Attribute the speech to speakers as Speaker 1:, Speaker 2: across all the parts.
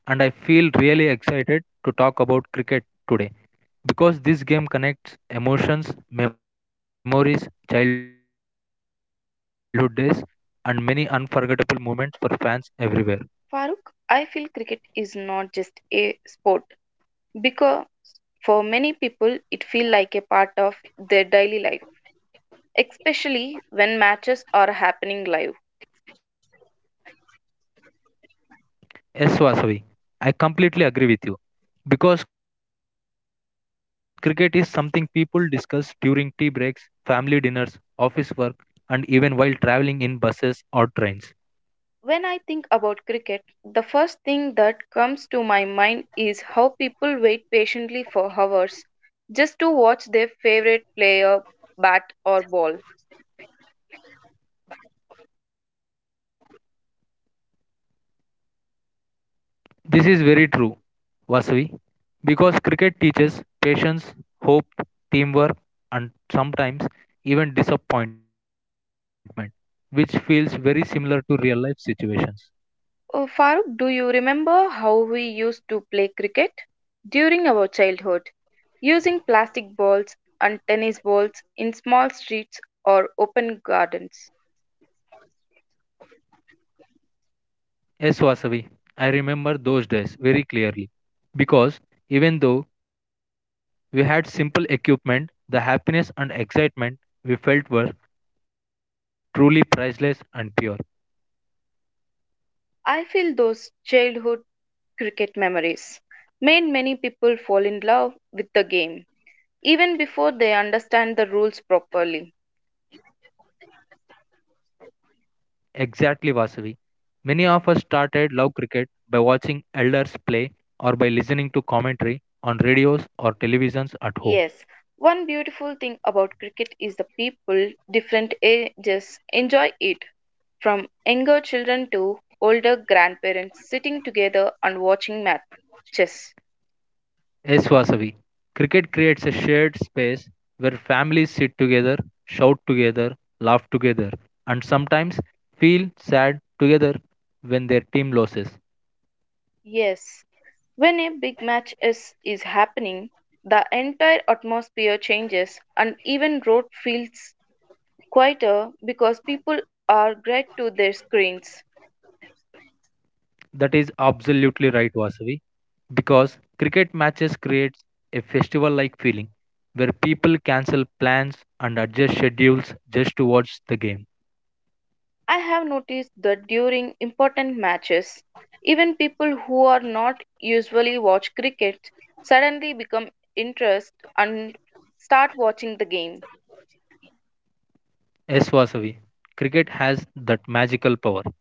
Speaker 1: Hello, friends. I am Farooq, and I feel really excited to talk about cricket today because this game connects emotions, memories, childhood days, and many unforgettable moments for fans everywhere.
Speaker 2: Farooq, I feel cricket is not just a sport because for many people it feels like a part of their daily life, especially when matches are happening live.
Speaker 1: Yes, Vasavi, I completely agree with you because cricket is something people discuss during tea breaks, family dinners, office work, and even while traveling in buses or trains.
Speaker 2: When I think about cricket, the first thing that comes to my mind is how people wait patiently for hours just to watch their favorite player bat or ball.
Speaker 1: This is very true, Vasavi, because cricket teaches patience, hope, teamwork, and sometimes even disappointment, which feels very similar to real life situations.
Speaker 2: Oh, Farooq, do you remember how we used to play cricket during our childhood? Using plastic balls and tennis balls in small streets or open gardens.
Speaker 1: Yes, Vasavi, I remember those days very clearly because even though we had simple equipment, the happiness and excitement we felt were truly priceless and pure.
Speaker 2: I feel those childhood cricket memories made many people fall in love with the game, even before they understand the rules properly.
Speaker 1: Exactly, Vasavi. Many of us started love cricket by watching elders play or by listening to commentary on radios or televisions at home.
Speaker 2: Yes, one beautiful thing about cricket is the people, different ages, enjoy it. From younger children to older grandparents sitting together and watching matches.
Speaker 1: Yes, Vasavi. Cricket creates a shared space where families sit together, shout together, laugh together, and sometimes feel sad together when their team loses.
Speaker 2: Yes, when a big match is happening, the entire atmosphere changes and even road feels quieter because people are glued to their screens.
Speaker 1: That is absolutely right, Vasavi, because cricket matches creates a festival-like feeling where people cancel plans and adjust schedules just to watch the game.
Speaker 2: I have noticed that during important matches, even people who are not usually watch cricket suddenly become interested and start watching the game.
Speaker 1: Yes, Vasavi, cricket has that magical power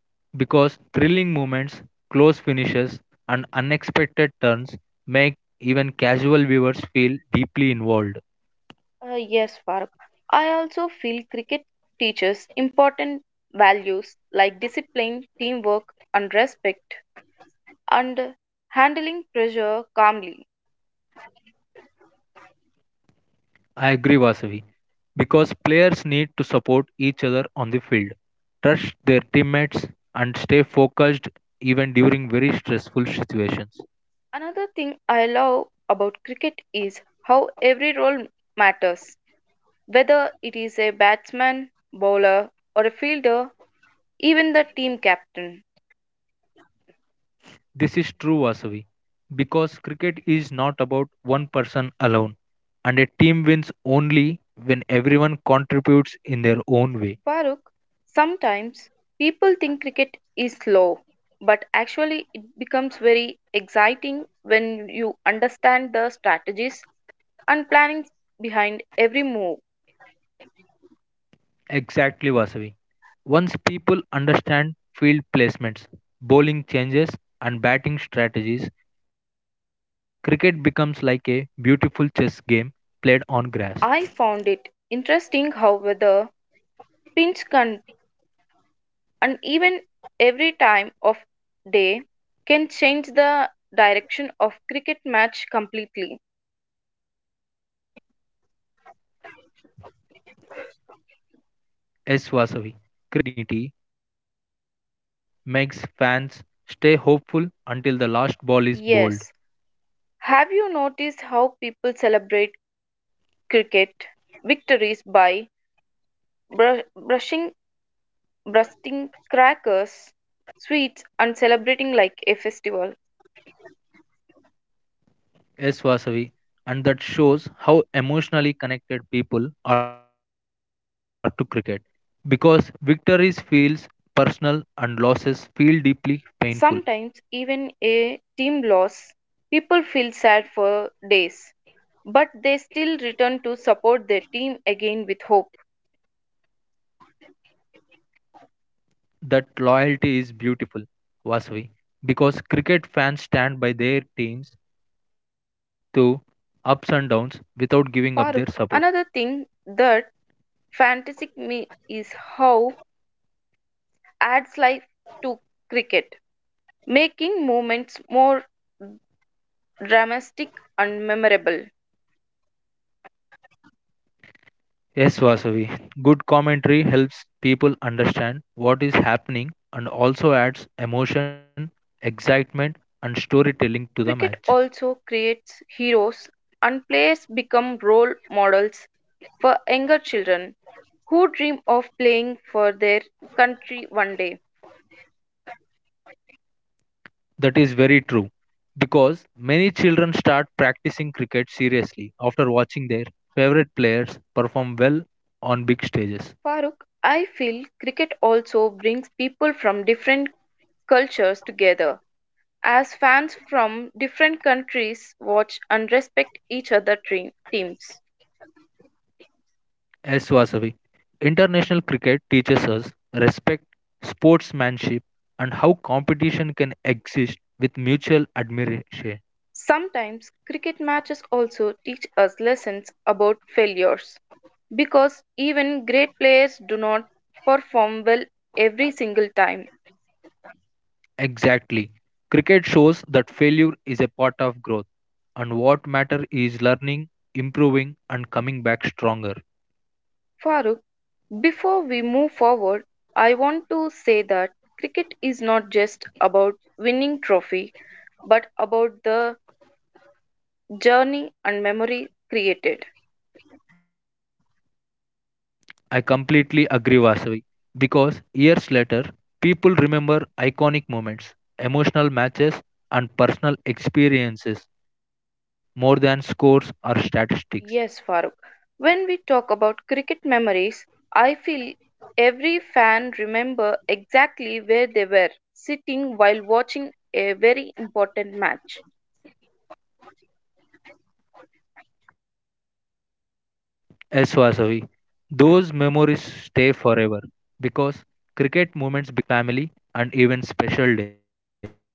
Speaker 1: because thrilling moments, close finishes, and unexpected turns make even casual viewers feel deeply involved.
Speaker 2: Yes, Farooq. I also feel cricket teaches important values like discipline, teamwork, and respect, and handling pressure calmly.
Speaker 1: I agree, Vasavi, because players need to support each other on the field, trust their teammates, and stay focused even during very stressful situations.
Speaker 2: Another thing I love about cricket is how every role matters. Whether it is a batsman, bowler, or a fielder, even the team captain.
Speaker 1: This is true, Vasavi, because cricket is not about one person alone, and a team wins only when everyone contributes in their own way.
Speaker 2: Farooq, sometimes people think cricket is slow, but actually it becomes very exciting when you understand the strategies and planning behind every move.
Speaker 1: Exactly, Vasavi. Once people understand field placements, bowling changes, and batting strategies, cricket becomes like a beautiful chess game played on grass.
Speaker 2: I found it interesting how weather, pinch can, and even every time of day can change the direction of cricket match completely.
Speaker 1: Yes, Vasavi. Cricket is very unpredictable, and that uncertainty makes fans stay hopeful until the last ball is bowled.
Speaker 2: Yes, have you noticed how people celebrate cricket victories by brushing, bursting crackers, sweets, and celebrating like a festival?
Speaker 1: Yes, Vasavi, and that shows how emotionally connected people are to cricket because victories feels personal and losses feel deeply painful.
Speaker 2: Sometimes, even a team loss, people feel sad for days, but they still return to support their team again with hope.
Speaker 1: That loyalty is beautiful, Vasavi, because cricket fans stand by their teams through ups and downs without giving up their support.
Speaker 2: Farooq, another thing that fantastic me is how adds life to cricket, making moments more dramatic and memorable.
Speaker 1: Yes, Vasavi, good commentary helps people understand what is happening and also adds emotion, excitement, and storytelling to
Speaker 2: Cricket
Speaker 1: the match.
Speaker 2: also creates heroes, and players become role models for younger children who dream of playing for their country one day.
Speaker 1: That is very true because many children start practicing cricket seriously after watching their favorite players perform well on big
Speaker 2: Farooq,
Speaker 1: stages.
Speaker 2: I feel cricket also brings people from different cultures together as fans from different countries watch and respect each other's teams.
Speaker 1: As Swasavi, international cricket teaches us respect, sportsmanship, and how competition can exist with mutual admiration.
Speaker 2: Sometimes cricket matches also teach us lessons about failures because even great players do not perform well every single time.
Speaker 1: Exactly. Cricket shows that failure is a part of growth, and what matter is learning, improving, and coming back stronger.
Speaker 2: Farooq, before we move forward, I want to say that cricket is not just about winning trophy but about the journey and memory created.
Speaker 1: I completely agree, Vasavi. Because years later, people remember iconic moments, emotional matches, and personal experiences more than scores or statistics.
Speaker 2: Yes, Farooq. When we talk about cricket memories, I feel every fan remember exactly where they were sitting while watching a very important match.
Speaker 1: Yes, Vasavi. Those memories stay forever because cricket moments become connected with our personal lives, emotions, friends, family, and even special days.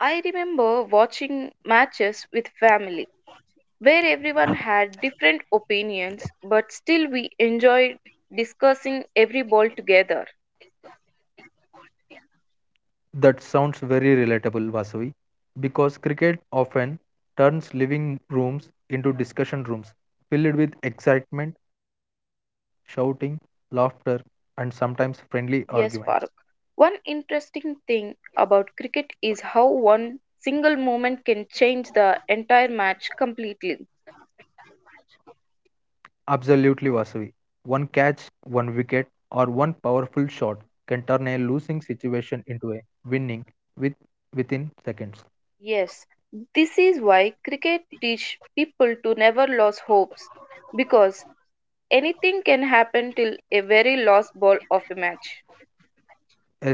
Speaker 2: I remember watching matches with family where everyone had different opinions, but still we enjoyed discussing every ball together.
Speaker 1: That sounds very relatable, Vasavi, because cricket often turns living rooms into discussion rooms filled with excitement, shouting, laughter, and sometimes friendly arguments.
Speaker 2: Yes, Farooq. One interesting thing about cricket is how one single moment can change the entire match completely.
Speaker 1: Absolutely, Vasavi. One catch, one wicket, or one powerful shot can turn a losing situation into a winning with within seconds.
Speaker 2: Yes, this is why cricket teach people to never lose hopes because anything can happen till a very last ball of a match.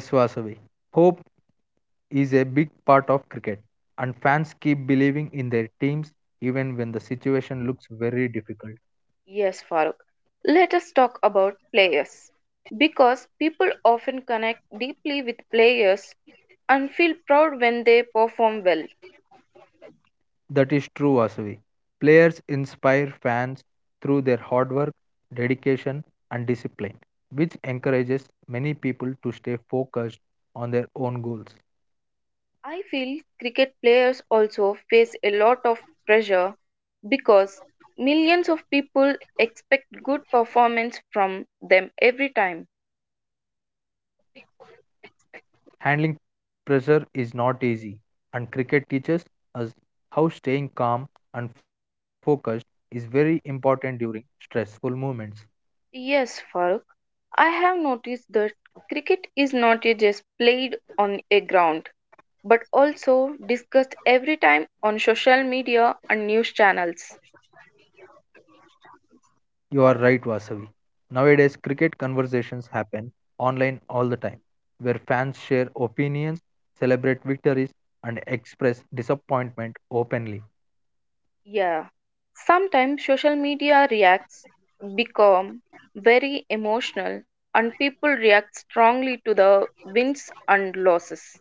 Speaker 1: Yes, Vasavi. Hope is a big part of cricket, and fans keep believing in their teams even when the situation looks very difficult.
Speaker 2: Yes, Farooq. Let us talk about players. Because people often connect deeply with players and feel proud when they perform well.
Speaker 1: That is true, Vasavi. Players inspire fans through their hard work, dedication, and discipline, which encourages many people to stay focused on their own goals.
Speaker 2: I feel cricket players also face a lot of pressure because millions of people expect good performance from them every time.
Speaker 1: Yes, Vasavi, handling pressure is not easy, and cricket teaches us how staying calm and focused is very important during stressful moments.
Speaker 2: Yes, Farooq. I have noticed that cricket is not a just played on a ground, but also discussed every time on social media and news channels.
Speaker 1: You are right, Vasavi. Nowadays, cricket conversations happen online all the time, where fans share opinions, celebrate victories, and express disappointment openly.
Speaker 2: Yeah. Sometimes social media reacts become very emotional and people react strongly to the wins and losses.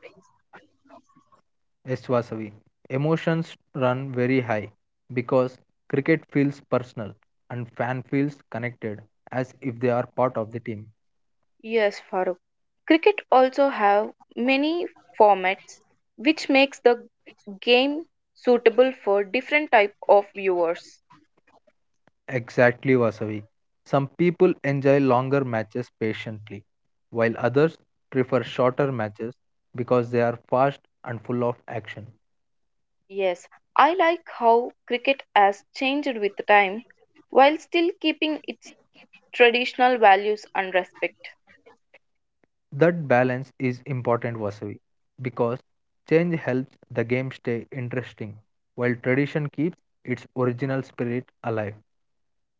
Speaker 1: Yes, Vasavi. Emotions run very high because cricket feels personal and fan feels connected as if they are part of the team.
Speaker 2: Yes, Farooq. Cricket also have many formats which makes the game suitable for different type of viewers.
Speaker 1: Exactly, Vasavi. Some people enjoy longer matches patiently, while others prefer shorter matches because they are fast and full of action.
Speaker 2: Yes, I like how cricket has changed with time while still keeping its traditional values and respect.
Speaker 1: That balance is important, Vasavi, because change helps the game stay interesting, while tradition keeps its original spirit alive.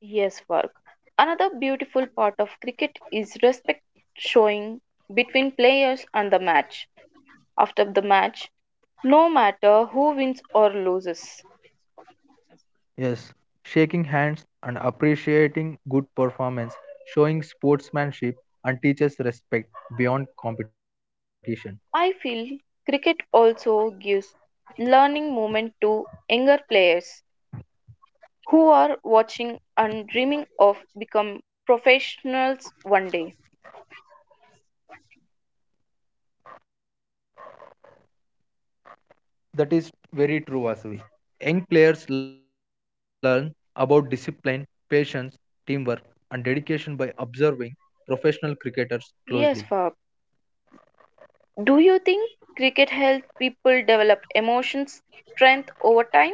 Speaker 2: Yes, work. Another beautiful part of cricket is respect showing between players and the match. After the match, no matter who wins or loses.
Speaker 1: Yes, shaking hands and appreciating good performance, showing sportsmanship, and teaches respect beyond competition.
Speaker 2: I feel cricket also gives learning moment to younger players who are watching and dreaming of become professionals one day.
Speaker 1: That is very true, Vasavi. Young players learn about discipline, patience, teamwork, and dedication by observing professional cricketers closely.
Speaker 2: Yes, Fab. Do you think cricket helps people develop emotion strength over time?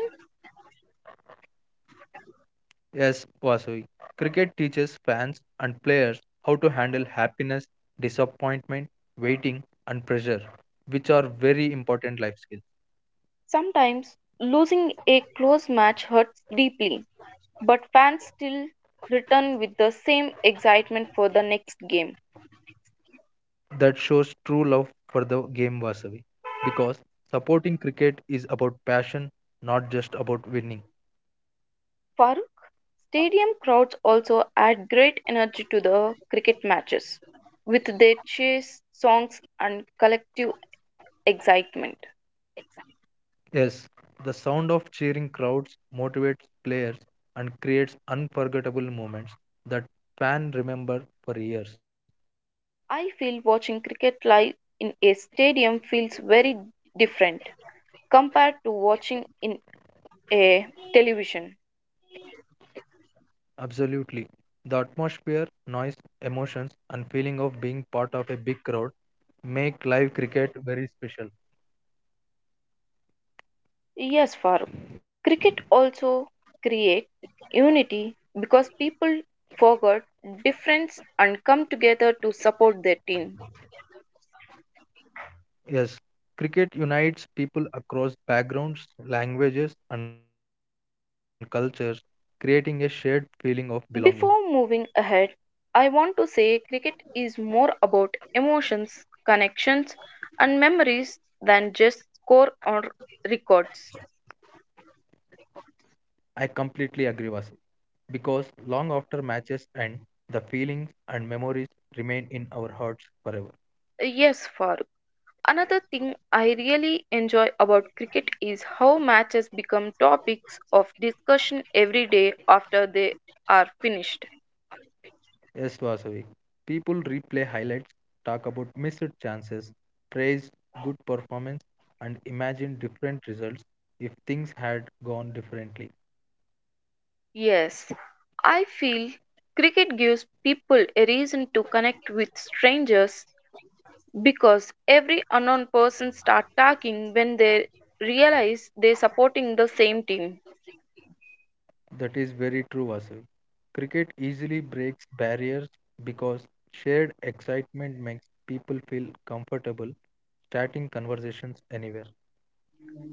Speaker 1: Yes, Vasavi. Cricket teaches fans and players how to handle happiness, disappointment, waiting, and pressure, which are very important life skills.
Speaker 2: Sometimes losing a close match hurts deeply, but fans still return with the same excitement for the next game.
Speaker 1: That shows true love for the game, Vasavi, because supporting cricket is about passion, not just about winning.
Speaker 2: Farooq, stadium crowds also add great energy to the cricket matches with their cheers, songs, and collective excitement.
Speaker 1: Yes, the sound of cheering crowds motivates players and creates unforgettable moments that fans remember for years.
Speaker 2: I feel watching cricket live in a stadium feels very different compared to watching in a television.
Speaker 1: Absolutely. The atmosphere, noise, emotions, and feeling of being part of a big crowd make live cricket very special.
Speaker 2: Yes, Farooq. Cricket also create unity because people forget difference and come together to support their team.
Speaker 1: Yes, cricket unites people across backgrounds, languages, and cultures, creating a shared feeling of belonging.
Speaker 2: Before moving ahead, I want to say cricket is more about emotions, connections, and memories than just score or records.
Speaker 1: I completely agree, Vasu. Because long after matches end, the feelings and memories remain in our hearts forever.
Speaker 2: Yes, Farooq. Another thing I really enjoy about cricket is how matches become topics of discussion every day after they are finished.
Speaker 1: Yes, Vasavi. People replay highlights, talk about missed chances, praise good performance, and imagine different results if things had gone differently.
Speaker 2: Yes, I feel cricket gives people a reason to connect with strangers because every unknown person starts talking when they realize they're supporting the same team.
Speaker 1: That is very true, Vasavi. Cricket easily breaks barriers because shared excitement makes people feel comfortable starting conversations anywhere.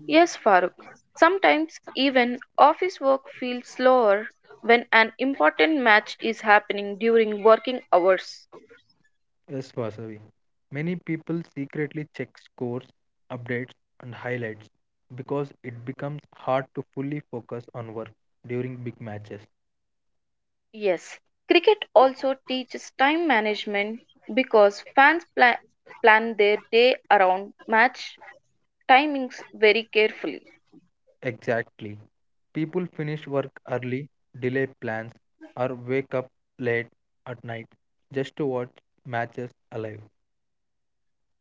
Speaker 2: Yes, Farooq. Sometimes even office work feels slower when an important match is happening during working hours.
Speaker 1: Yes, Vasavi. Many people secretly check scores, updates, and highlights because it becomes hard to fully focus on work during big matches.
Speaker 2: Yes, cricket also teaches time management because fans plan their day around match timings very carefully.
Speaker 1: Exactly. People finish work early, delay plans, or wake up late at night just to watch matches alive.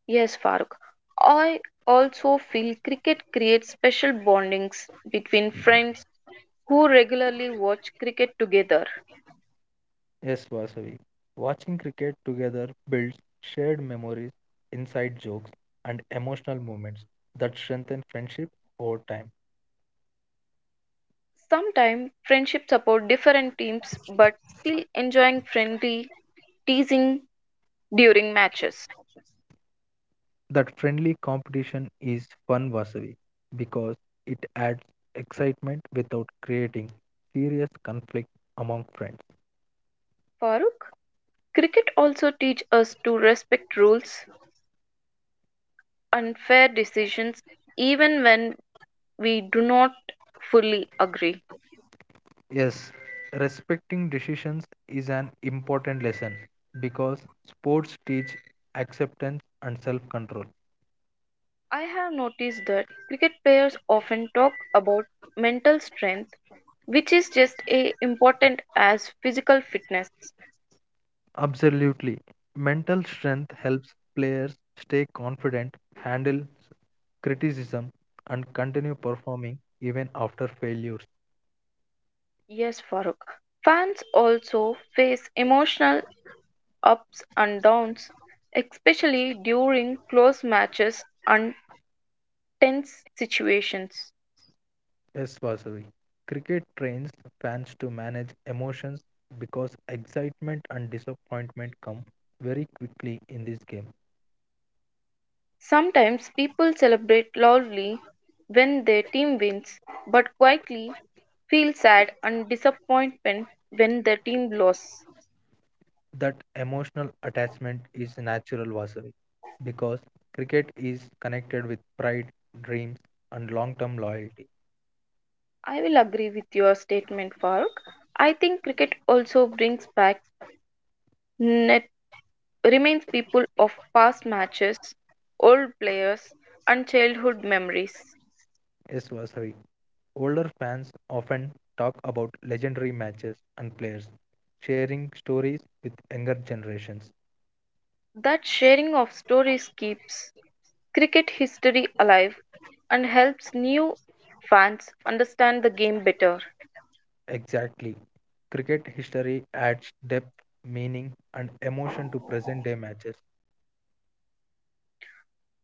Speaker 2: Yes, Farooq. I also feel cricket creates special bondings between friends who regularly watch cricket together.
Speaker 1: Yes, Vasavi. Watching cricket together builds shared memories, inside jokes, and emotional moments that strengthen friendship over time.
Speaker 2: Sometimes friendships support different teams but still enjoying friendly teasing during matches.
Speaker 1: That friendly competition is fun, Vasavi, because it adds excitement without creating serious conflict among friends.
Speaker 2: Farooq, cricket also teach us to respect rules and fair decisions even when we do not fully agree.
Speaker 1: Yes, respecting decisions is an important lesson because sports teach acceptance and self control.
Speaker 2: I have noticed that cricket players often talk about mental strength which is just as important as physical fitness.
Speaker 1: Absolutely. Mental strength helps players stay confident, handle criticism, and continue performing even after failures.
Speaker 2: Yes, Farooq. Fans also face emotional ups and downs, especially during close matches and tense situations.
Speaker 1: Yes, Vasavi. Cricket trains fans to manage emotions because excitement and disappointment come very quickly in this game.
Speaker 2: Sometimes people celebrate loudly when their team wins, but quietly feel sad and disappointment when their team loses.
Speaker 1: That emotional attachment is natural, Vasavi, because cricket is connected with pride, dreams, and long term loyalty.
Speaker 2: I will agree with your statement, Farooq. I think cricket also brings back net reminds people of past matches, old players, and childhood memories.
Speaker 1: Yes, Vasavi. Older fans often talk about legendary matches and players, sharing stories with younger generations.
Speaker 2: That sharing of stories keeps cricket history alive and helps new fans understand the game better.
Speaker 1: Exactly. Cricket history adds depth, meaning, and emotion to present day matches.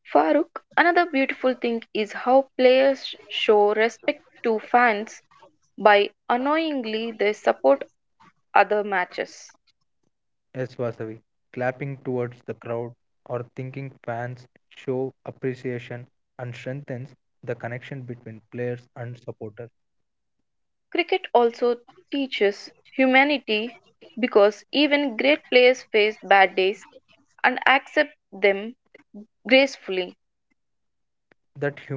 Speaker 2: Farooq, another beautiful thing is how players show respect to fans by annoyingly they support other matches.
Speaker 1: Yes, Vasavi, clapping towards the crowd or thinking fans show appreciation and strengthens the connection between players and supporters.
Speaker 2: Cricket also teaches humanity because even great players face bad days and accept them gracefully.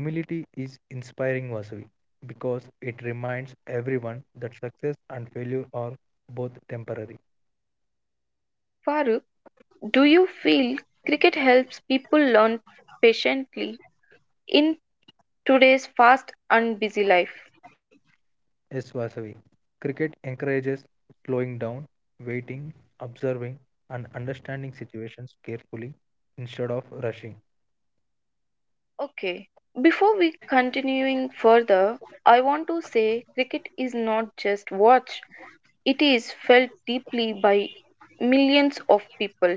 Speaker 1: That humility is inspiring, Vasavi, because it reminds everyone that success and failure are both temporary.
Speaker 2: Farooq, do you feel cricket helps people learn patiently in today's fast and busy life?
Speaker 1: Yes, Vasavi. Cricket encourages slowing down, waiting, observing, and understanding situations carefully instead of rushing.
Speaker 2: Okay. Before we continuing further, I want to say cricket is not just watched, it is felt deeply by millions of people.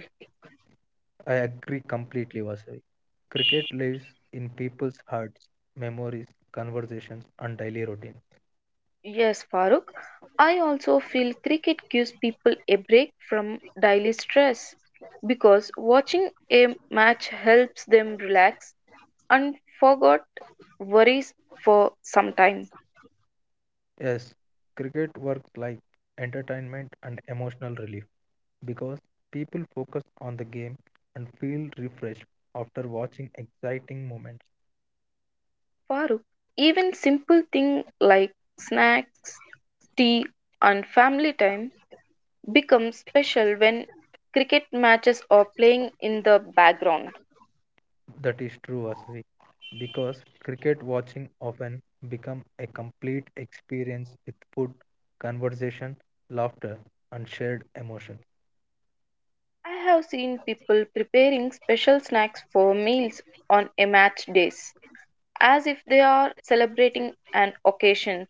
Speaker 1: I agree completely, Vasavi. Cricket lives in people's hearts, memories, conversations, and daily routine.
Speaker 2: Yes, Farooq. I also feel cricket gives people a break from daily stress because watching a match helps them relax and forgot worries for some time.
Speaker 1: Yes, cricket works like entertainment and emotional relief because people focus on the game and feel refreshed after watching exciting moments.
Speaker 2: Farooq, even simple things like snacks, tea, and family time become special when cricket matches are playing in the background.
Speaker 1: That is true, Vasavi, because cricket watching often become a complete experience with food, conversation, laughter, and shared emotion.
Speaker 2: I have seen people preparing special snacks for meals on a match days as if they are celebrating an occasion.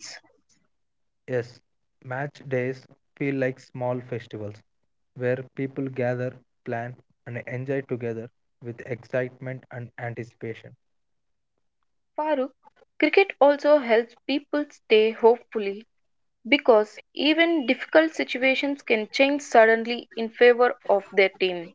Speaker 1: Yes, match days feel like small festivals where people gather, plan, and enjoy together with excitement and anticipation.
Speaker 2: Farooq, cricket also helps people stay hopeful because even difficult situations can change suddenly in favor of their team.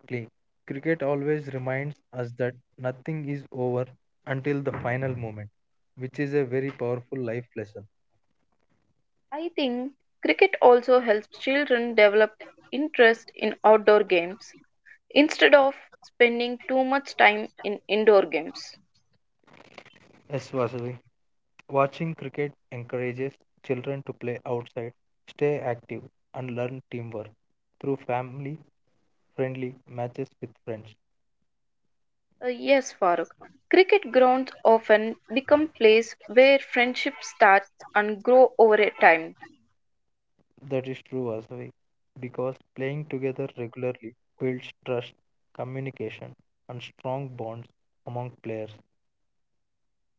Speaker 1: Exactly. Cricket always reminds us that nothing is over until the final moment, which is a very powerful life lesson.
Speaker 2: I think cricket also helps children develop interest in outdoor games instead of spending too much time in indoor games.
Speaker 1: Yes, Vasavi. Watching cricket encourages children to play outside, stay active, and learn teamwork through family friendly matches with friends.
Speaker 2: Yes, Farooq. Cricket grounds often become place where friendship starts and grow over a time.
Speaker 1: That is true, Vasavi, because playing together regularly builds trust, communication, and strong bonds among players.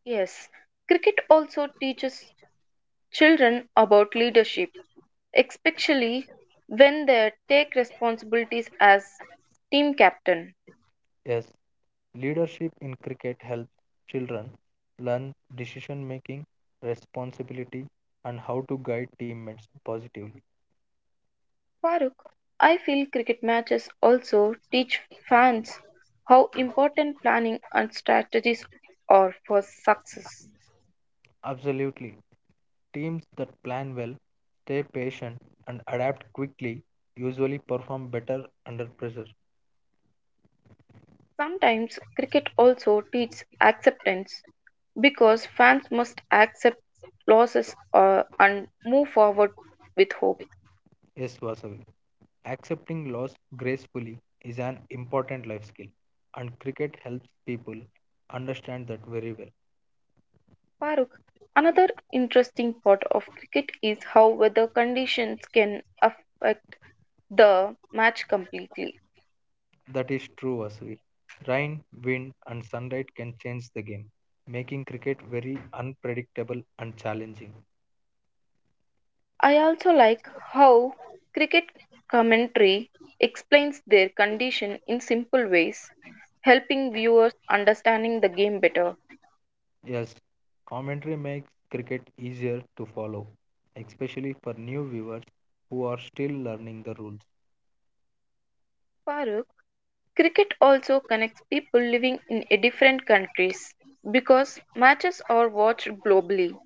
Speaker 2: Yes, cricket also teaches children about leadership especially when they take responsibilities as team captain.
Speaker 1: Yes, leadership in cricket helps children learn decision making, responsibility, and how to guide teammates positively.
Speaker 2: Farooq, I feel cricket matches also teach fans how important planning and strategies are for success.
Speaker 1: Absolutely. Teams that plan well, stay patient, and adapt quickly usually perform better under pressure.
Speaker 2: Sometimes cricket also teaches acceptance because fans must accept losses and move forward with hope.
Speaker 1: Yes, Vasavi. Accepting loss gracefully is an important life skill, and cricket helps people understand that very well.
Speaker 2: Farooq, another interesting part of cricket is how weather conditions can affect the match completely.
Speaker 1: That is true, Vasavi. Rain, wind, and sunlight can change the game, making cricket very unpredictable and challenging.
Speaker 2: I also like how cricket commentary explains their condition in simple ways, helping viewers understanding the game better.
Speaker 1: Yes, commentary makes cricket easier to follow, especially for new viewers who are still learning the rules.
Speaker 2: Farooq, cricket also connects people living in a different countries because matches are watched globally.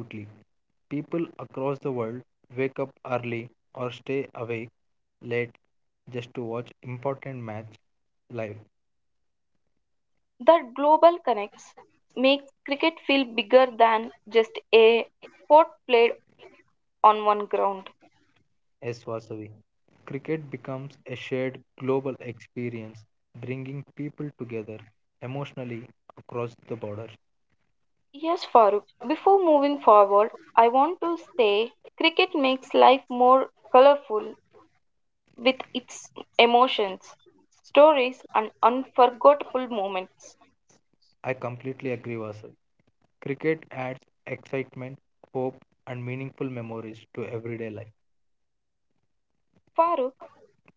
Speaker 1: Absolutely. People across the world wake up early or stay awake late just to watch important match live.
Speaker 2: That global connects makes cricket feel bigger than just a sport played on one ground.
Speaker 1: S. Vasavi. Cricket becomes a shared global experience, bringing people together emotionally across the border.
Speaker 2: Yes, Farooq. Before moving forward, I want to say cricket makes life more colorful with its emotions, stories, and unforgettable moments.
Speaker 1: I completely agree, Vasavi. Cricket adds excitement, hope, and meaningful memories to everyday life.
Speaker 2: Farooq,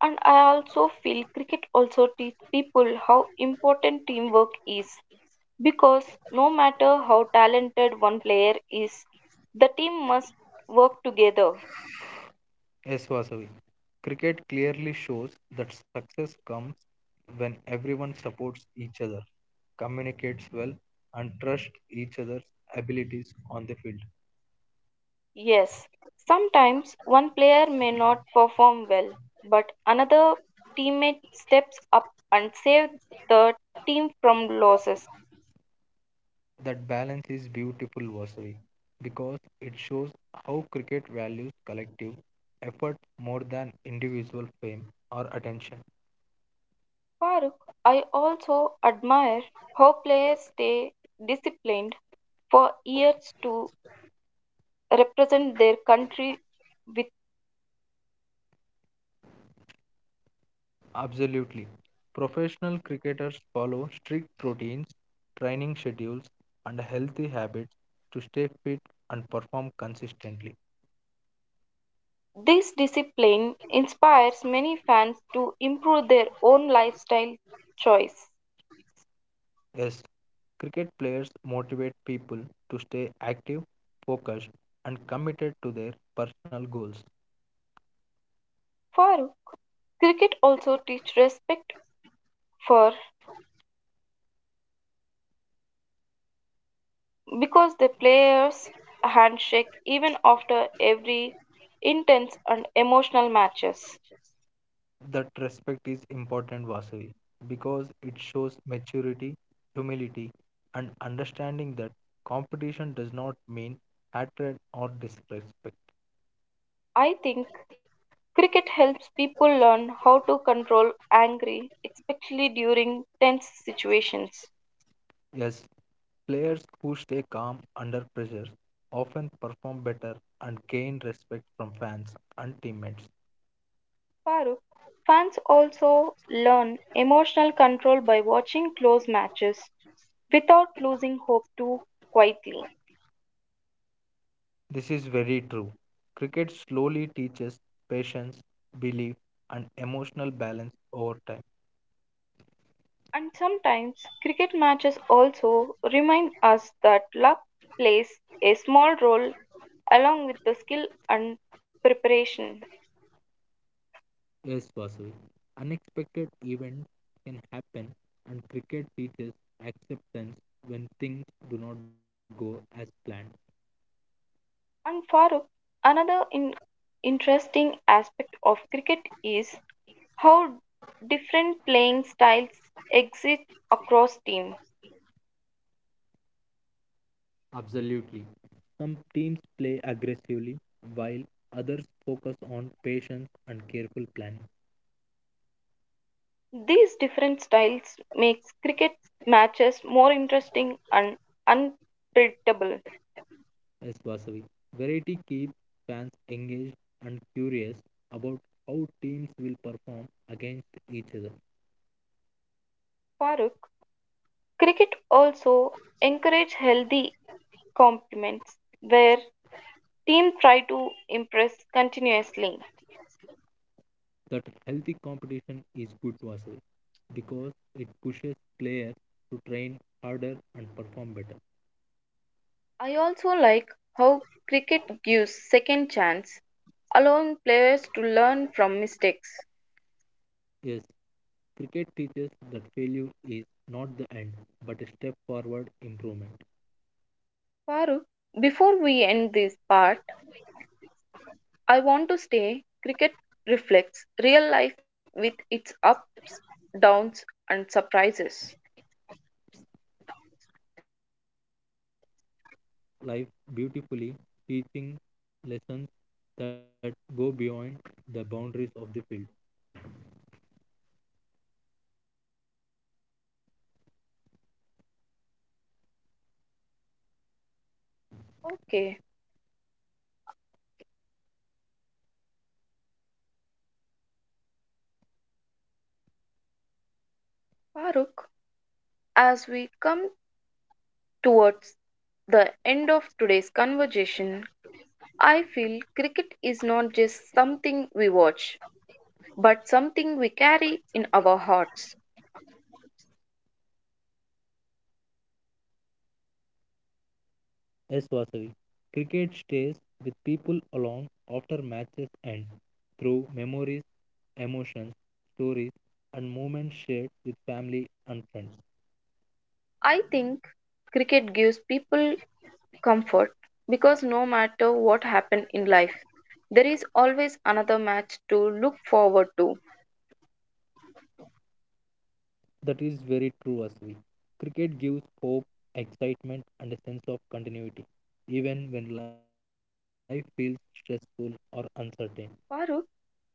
Speaker 2: and I also feel cricket also teaches people how important teamwork is because no matter how talented one player is, the team must work together.
Speaker 1: Yes, Vasavi. Cricket clearly shows that success comes when everyone supports each other, communicates well, and trusts each other's abilities on the field.
Speaker 2: Yes, sometimes one player may not perform well, but another teammate steps up and saves the team from losses.
Speaker 1: That balance is beautiful, Vasavi, because it shows how cricket values collective effort more than individual fame or attention.
Speaker 2: Farooq, I also admire how players stay disciplined for years to represent their country with
Speaker 1: Absolutely. Professional cricketers follow strict routines, training schedules, and healthy habits to stay fit and perform consistently.
Speaker 2: this discipline inspires many fans to improve their own lifestyle choice.
Speaker 1: Yes, cricket players motivate people to stay active, focused, and committed to their personal goals.
Speaker 2: Farooq, cricket also teaches respect for because the players handshake even after every intense and emotional matches.
Speaker 1: That respect is important, Vasavi, because it shows maturity, humility, and understanding that competition does not mean hatred or disrespect.
Speaker 2: I think cricket helps people learn how to control angry, especially during tense situations.
Speaker 1: Yes, players who stay calm under pressure often perform better and gain respect from fans and teammates.
Speaker 2: Farooq, fans also learn emotional control by watching close matches without losing hope too quietly.
Speaker 1: This is very true. Cricket slowly teaches patience, belief, and emotional balance over time.
Speaker 2: And sometimes cricket matches also remind us that luck plays a small role along with the skill and preparation.
Speaker 1: Yes, Vasavi. Unexpected events can happen, and cricket teaches acceptance when things do not go as planned.
Speaker 2: And Farooq, another interesting aspect of cricket is how different playing styles exist across team.
Speaker 1: Absolutely. Some teams play aggressively, while others focus on patience and careful planning.
Speaker 2: These different styles makes cricket matches more interesting and unpredictable.
Speaker 1: Yes, Vasavi. Variety keeps fans engaged and curious about how teams will perform against each other.
Speaker 2: Farooq, cricket also encourage healthy compliments where team try to impress continuously.
Speaker 1: That healthy competition is good Vasavi because it pushes players to train harder and perform better.
Speaker 2: I also like how cricket gives second chance, allowing players to learn from mistakes.
Speaker 1: Yes, cricket teaches that failure is not the end but a step forward improvement.
Speaker 2: Farooq, before we end this part, I want to say cricket reflects real life with its ups, downs, and surprises.
Speaker 1: I completely agree. Cricket mirrors life beautifully, teaching lessons that go beyond the boundaries of the field.
Speaker 2: Okay, Farooq, as we come towards the end of today's conversation, I feel cricket is not just something we watch, but something we carry in our hearts.
Speaker 1: Yes, Vasavi. Cricket stays with people along after matches end through memories, emotions, stories, and moments shared with family and friends.
Speaker 2: I think cricket gives people comfort because no matter what happened in life, there is always another match to look forward to.
Speaker 1: That is very true, Vasavi. Cricket gives hope, excitement, and a sense of continuity, even when life feels stressful or uncertain.
Speaker 2: Farooq,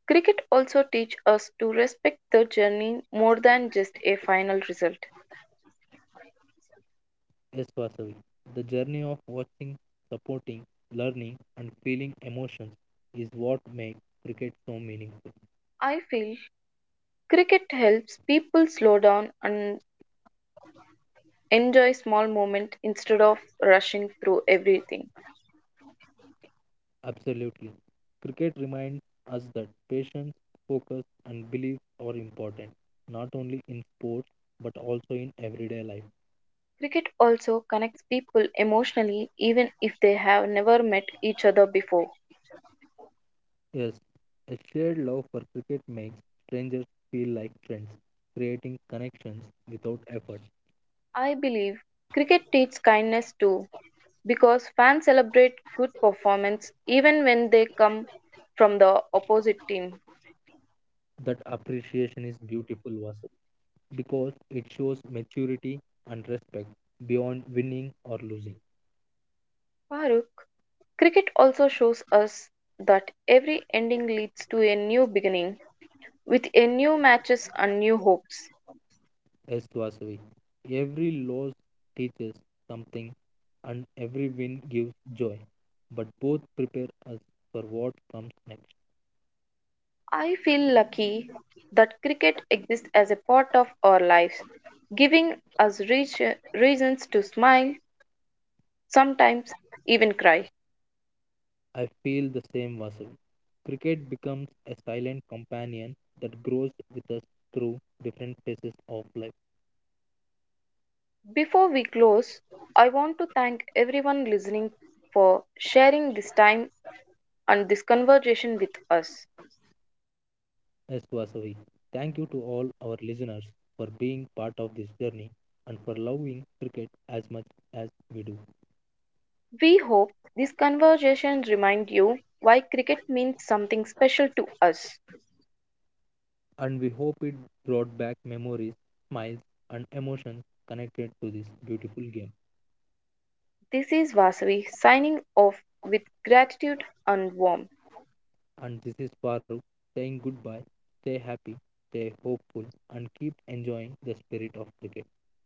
Speaker 2: cricket also teach us to respect the journey more than just a final result.
Speaker 1: Yes, Vasavi. The journey of watching, supporting, learning, and feeling emotions is what makes cricket so meaningful.
Speaker 2: I feel cricket helps people slow down and enjoy small moments instead of rushing through everything.
Speaker 1: Absolutely. Cricket reminds us that patience, focus, and belief are important, not only in sports but also in everyday life.
Speaker 2: Cricket also connects people emotionally even if they have never met each other before.
Speaker 1: Yes, a shared love for cricket makes strangers feel like friends, creating connections without effort.
Speaker 2: I believe cricket teaches kindness too because fans celebrate good performance even when they come from the opposite team.
Speaker 1: That appreciation is beautiful, Vasavi, because it shows maturity and respect beyond winning or losing.
Speaker 2: Farooq, cricket also shows us that every ending leads to a new beginning with a new matches and new hopes.
Speaker 1: Yes, Vasavi. Every loss teaches something and every win gives joy, but both prepare us for what comes next.
Speaker 2: I feel lucky that cricket exists as a part of our lives, giving us reach, reasons to smile, sometimes even cry.
Speaker 1: I feel the same, Vasavi. Cricket becomes a silent companion that grows with us through different phases of life.
Speaker 2: Before we close, I want to thank everyone listening for sharing this time and this conversation with us.
Speaker 1: S. Vasavi. Thank you to all our listeners for being part of this journey and for loving cricket as much as we do.
Speaker 2: We hope these conversations remind you why cricket means something special to us.
Speaker 1: And we hope it brought back memories, smiles, and emotions connected to this beautiful game.
Speaker 2: This is Vasavi signing off with gratitude and warmth.
Speaker 1: And this is Farooq saying goodbye. Stay happy, stay hopeful, and keep enjoying the spirit of cricket.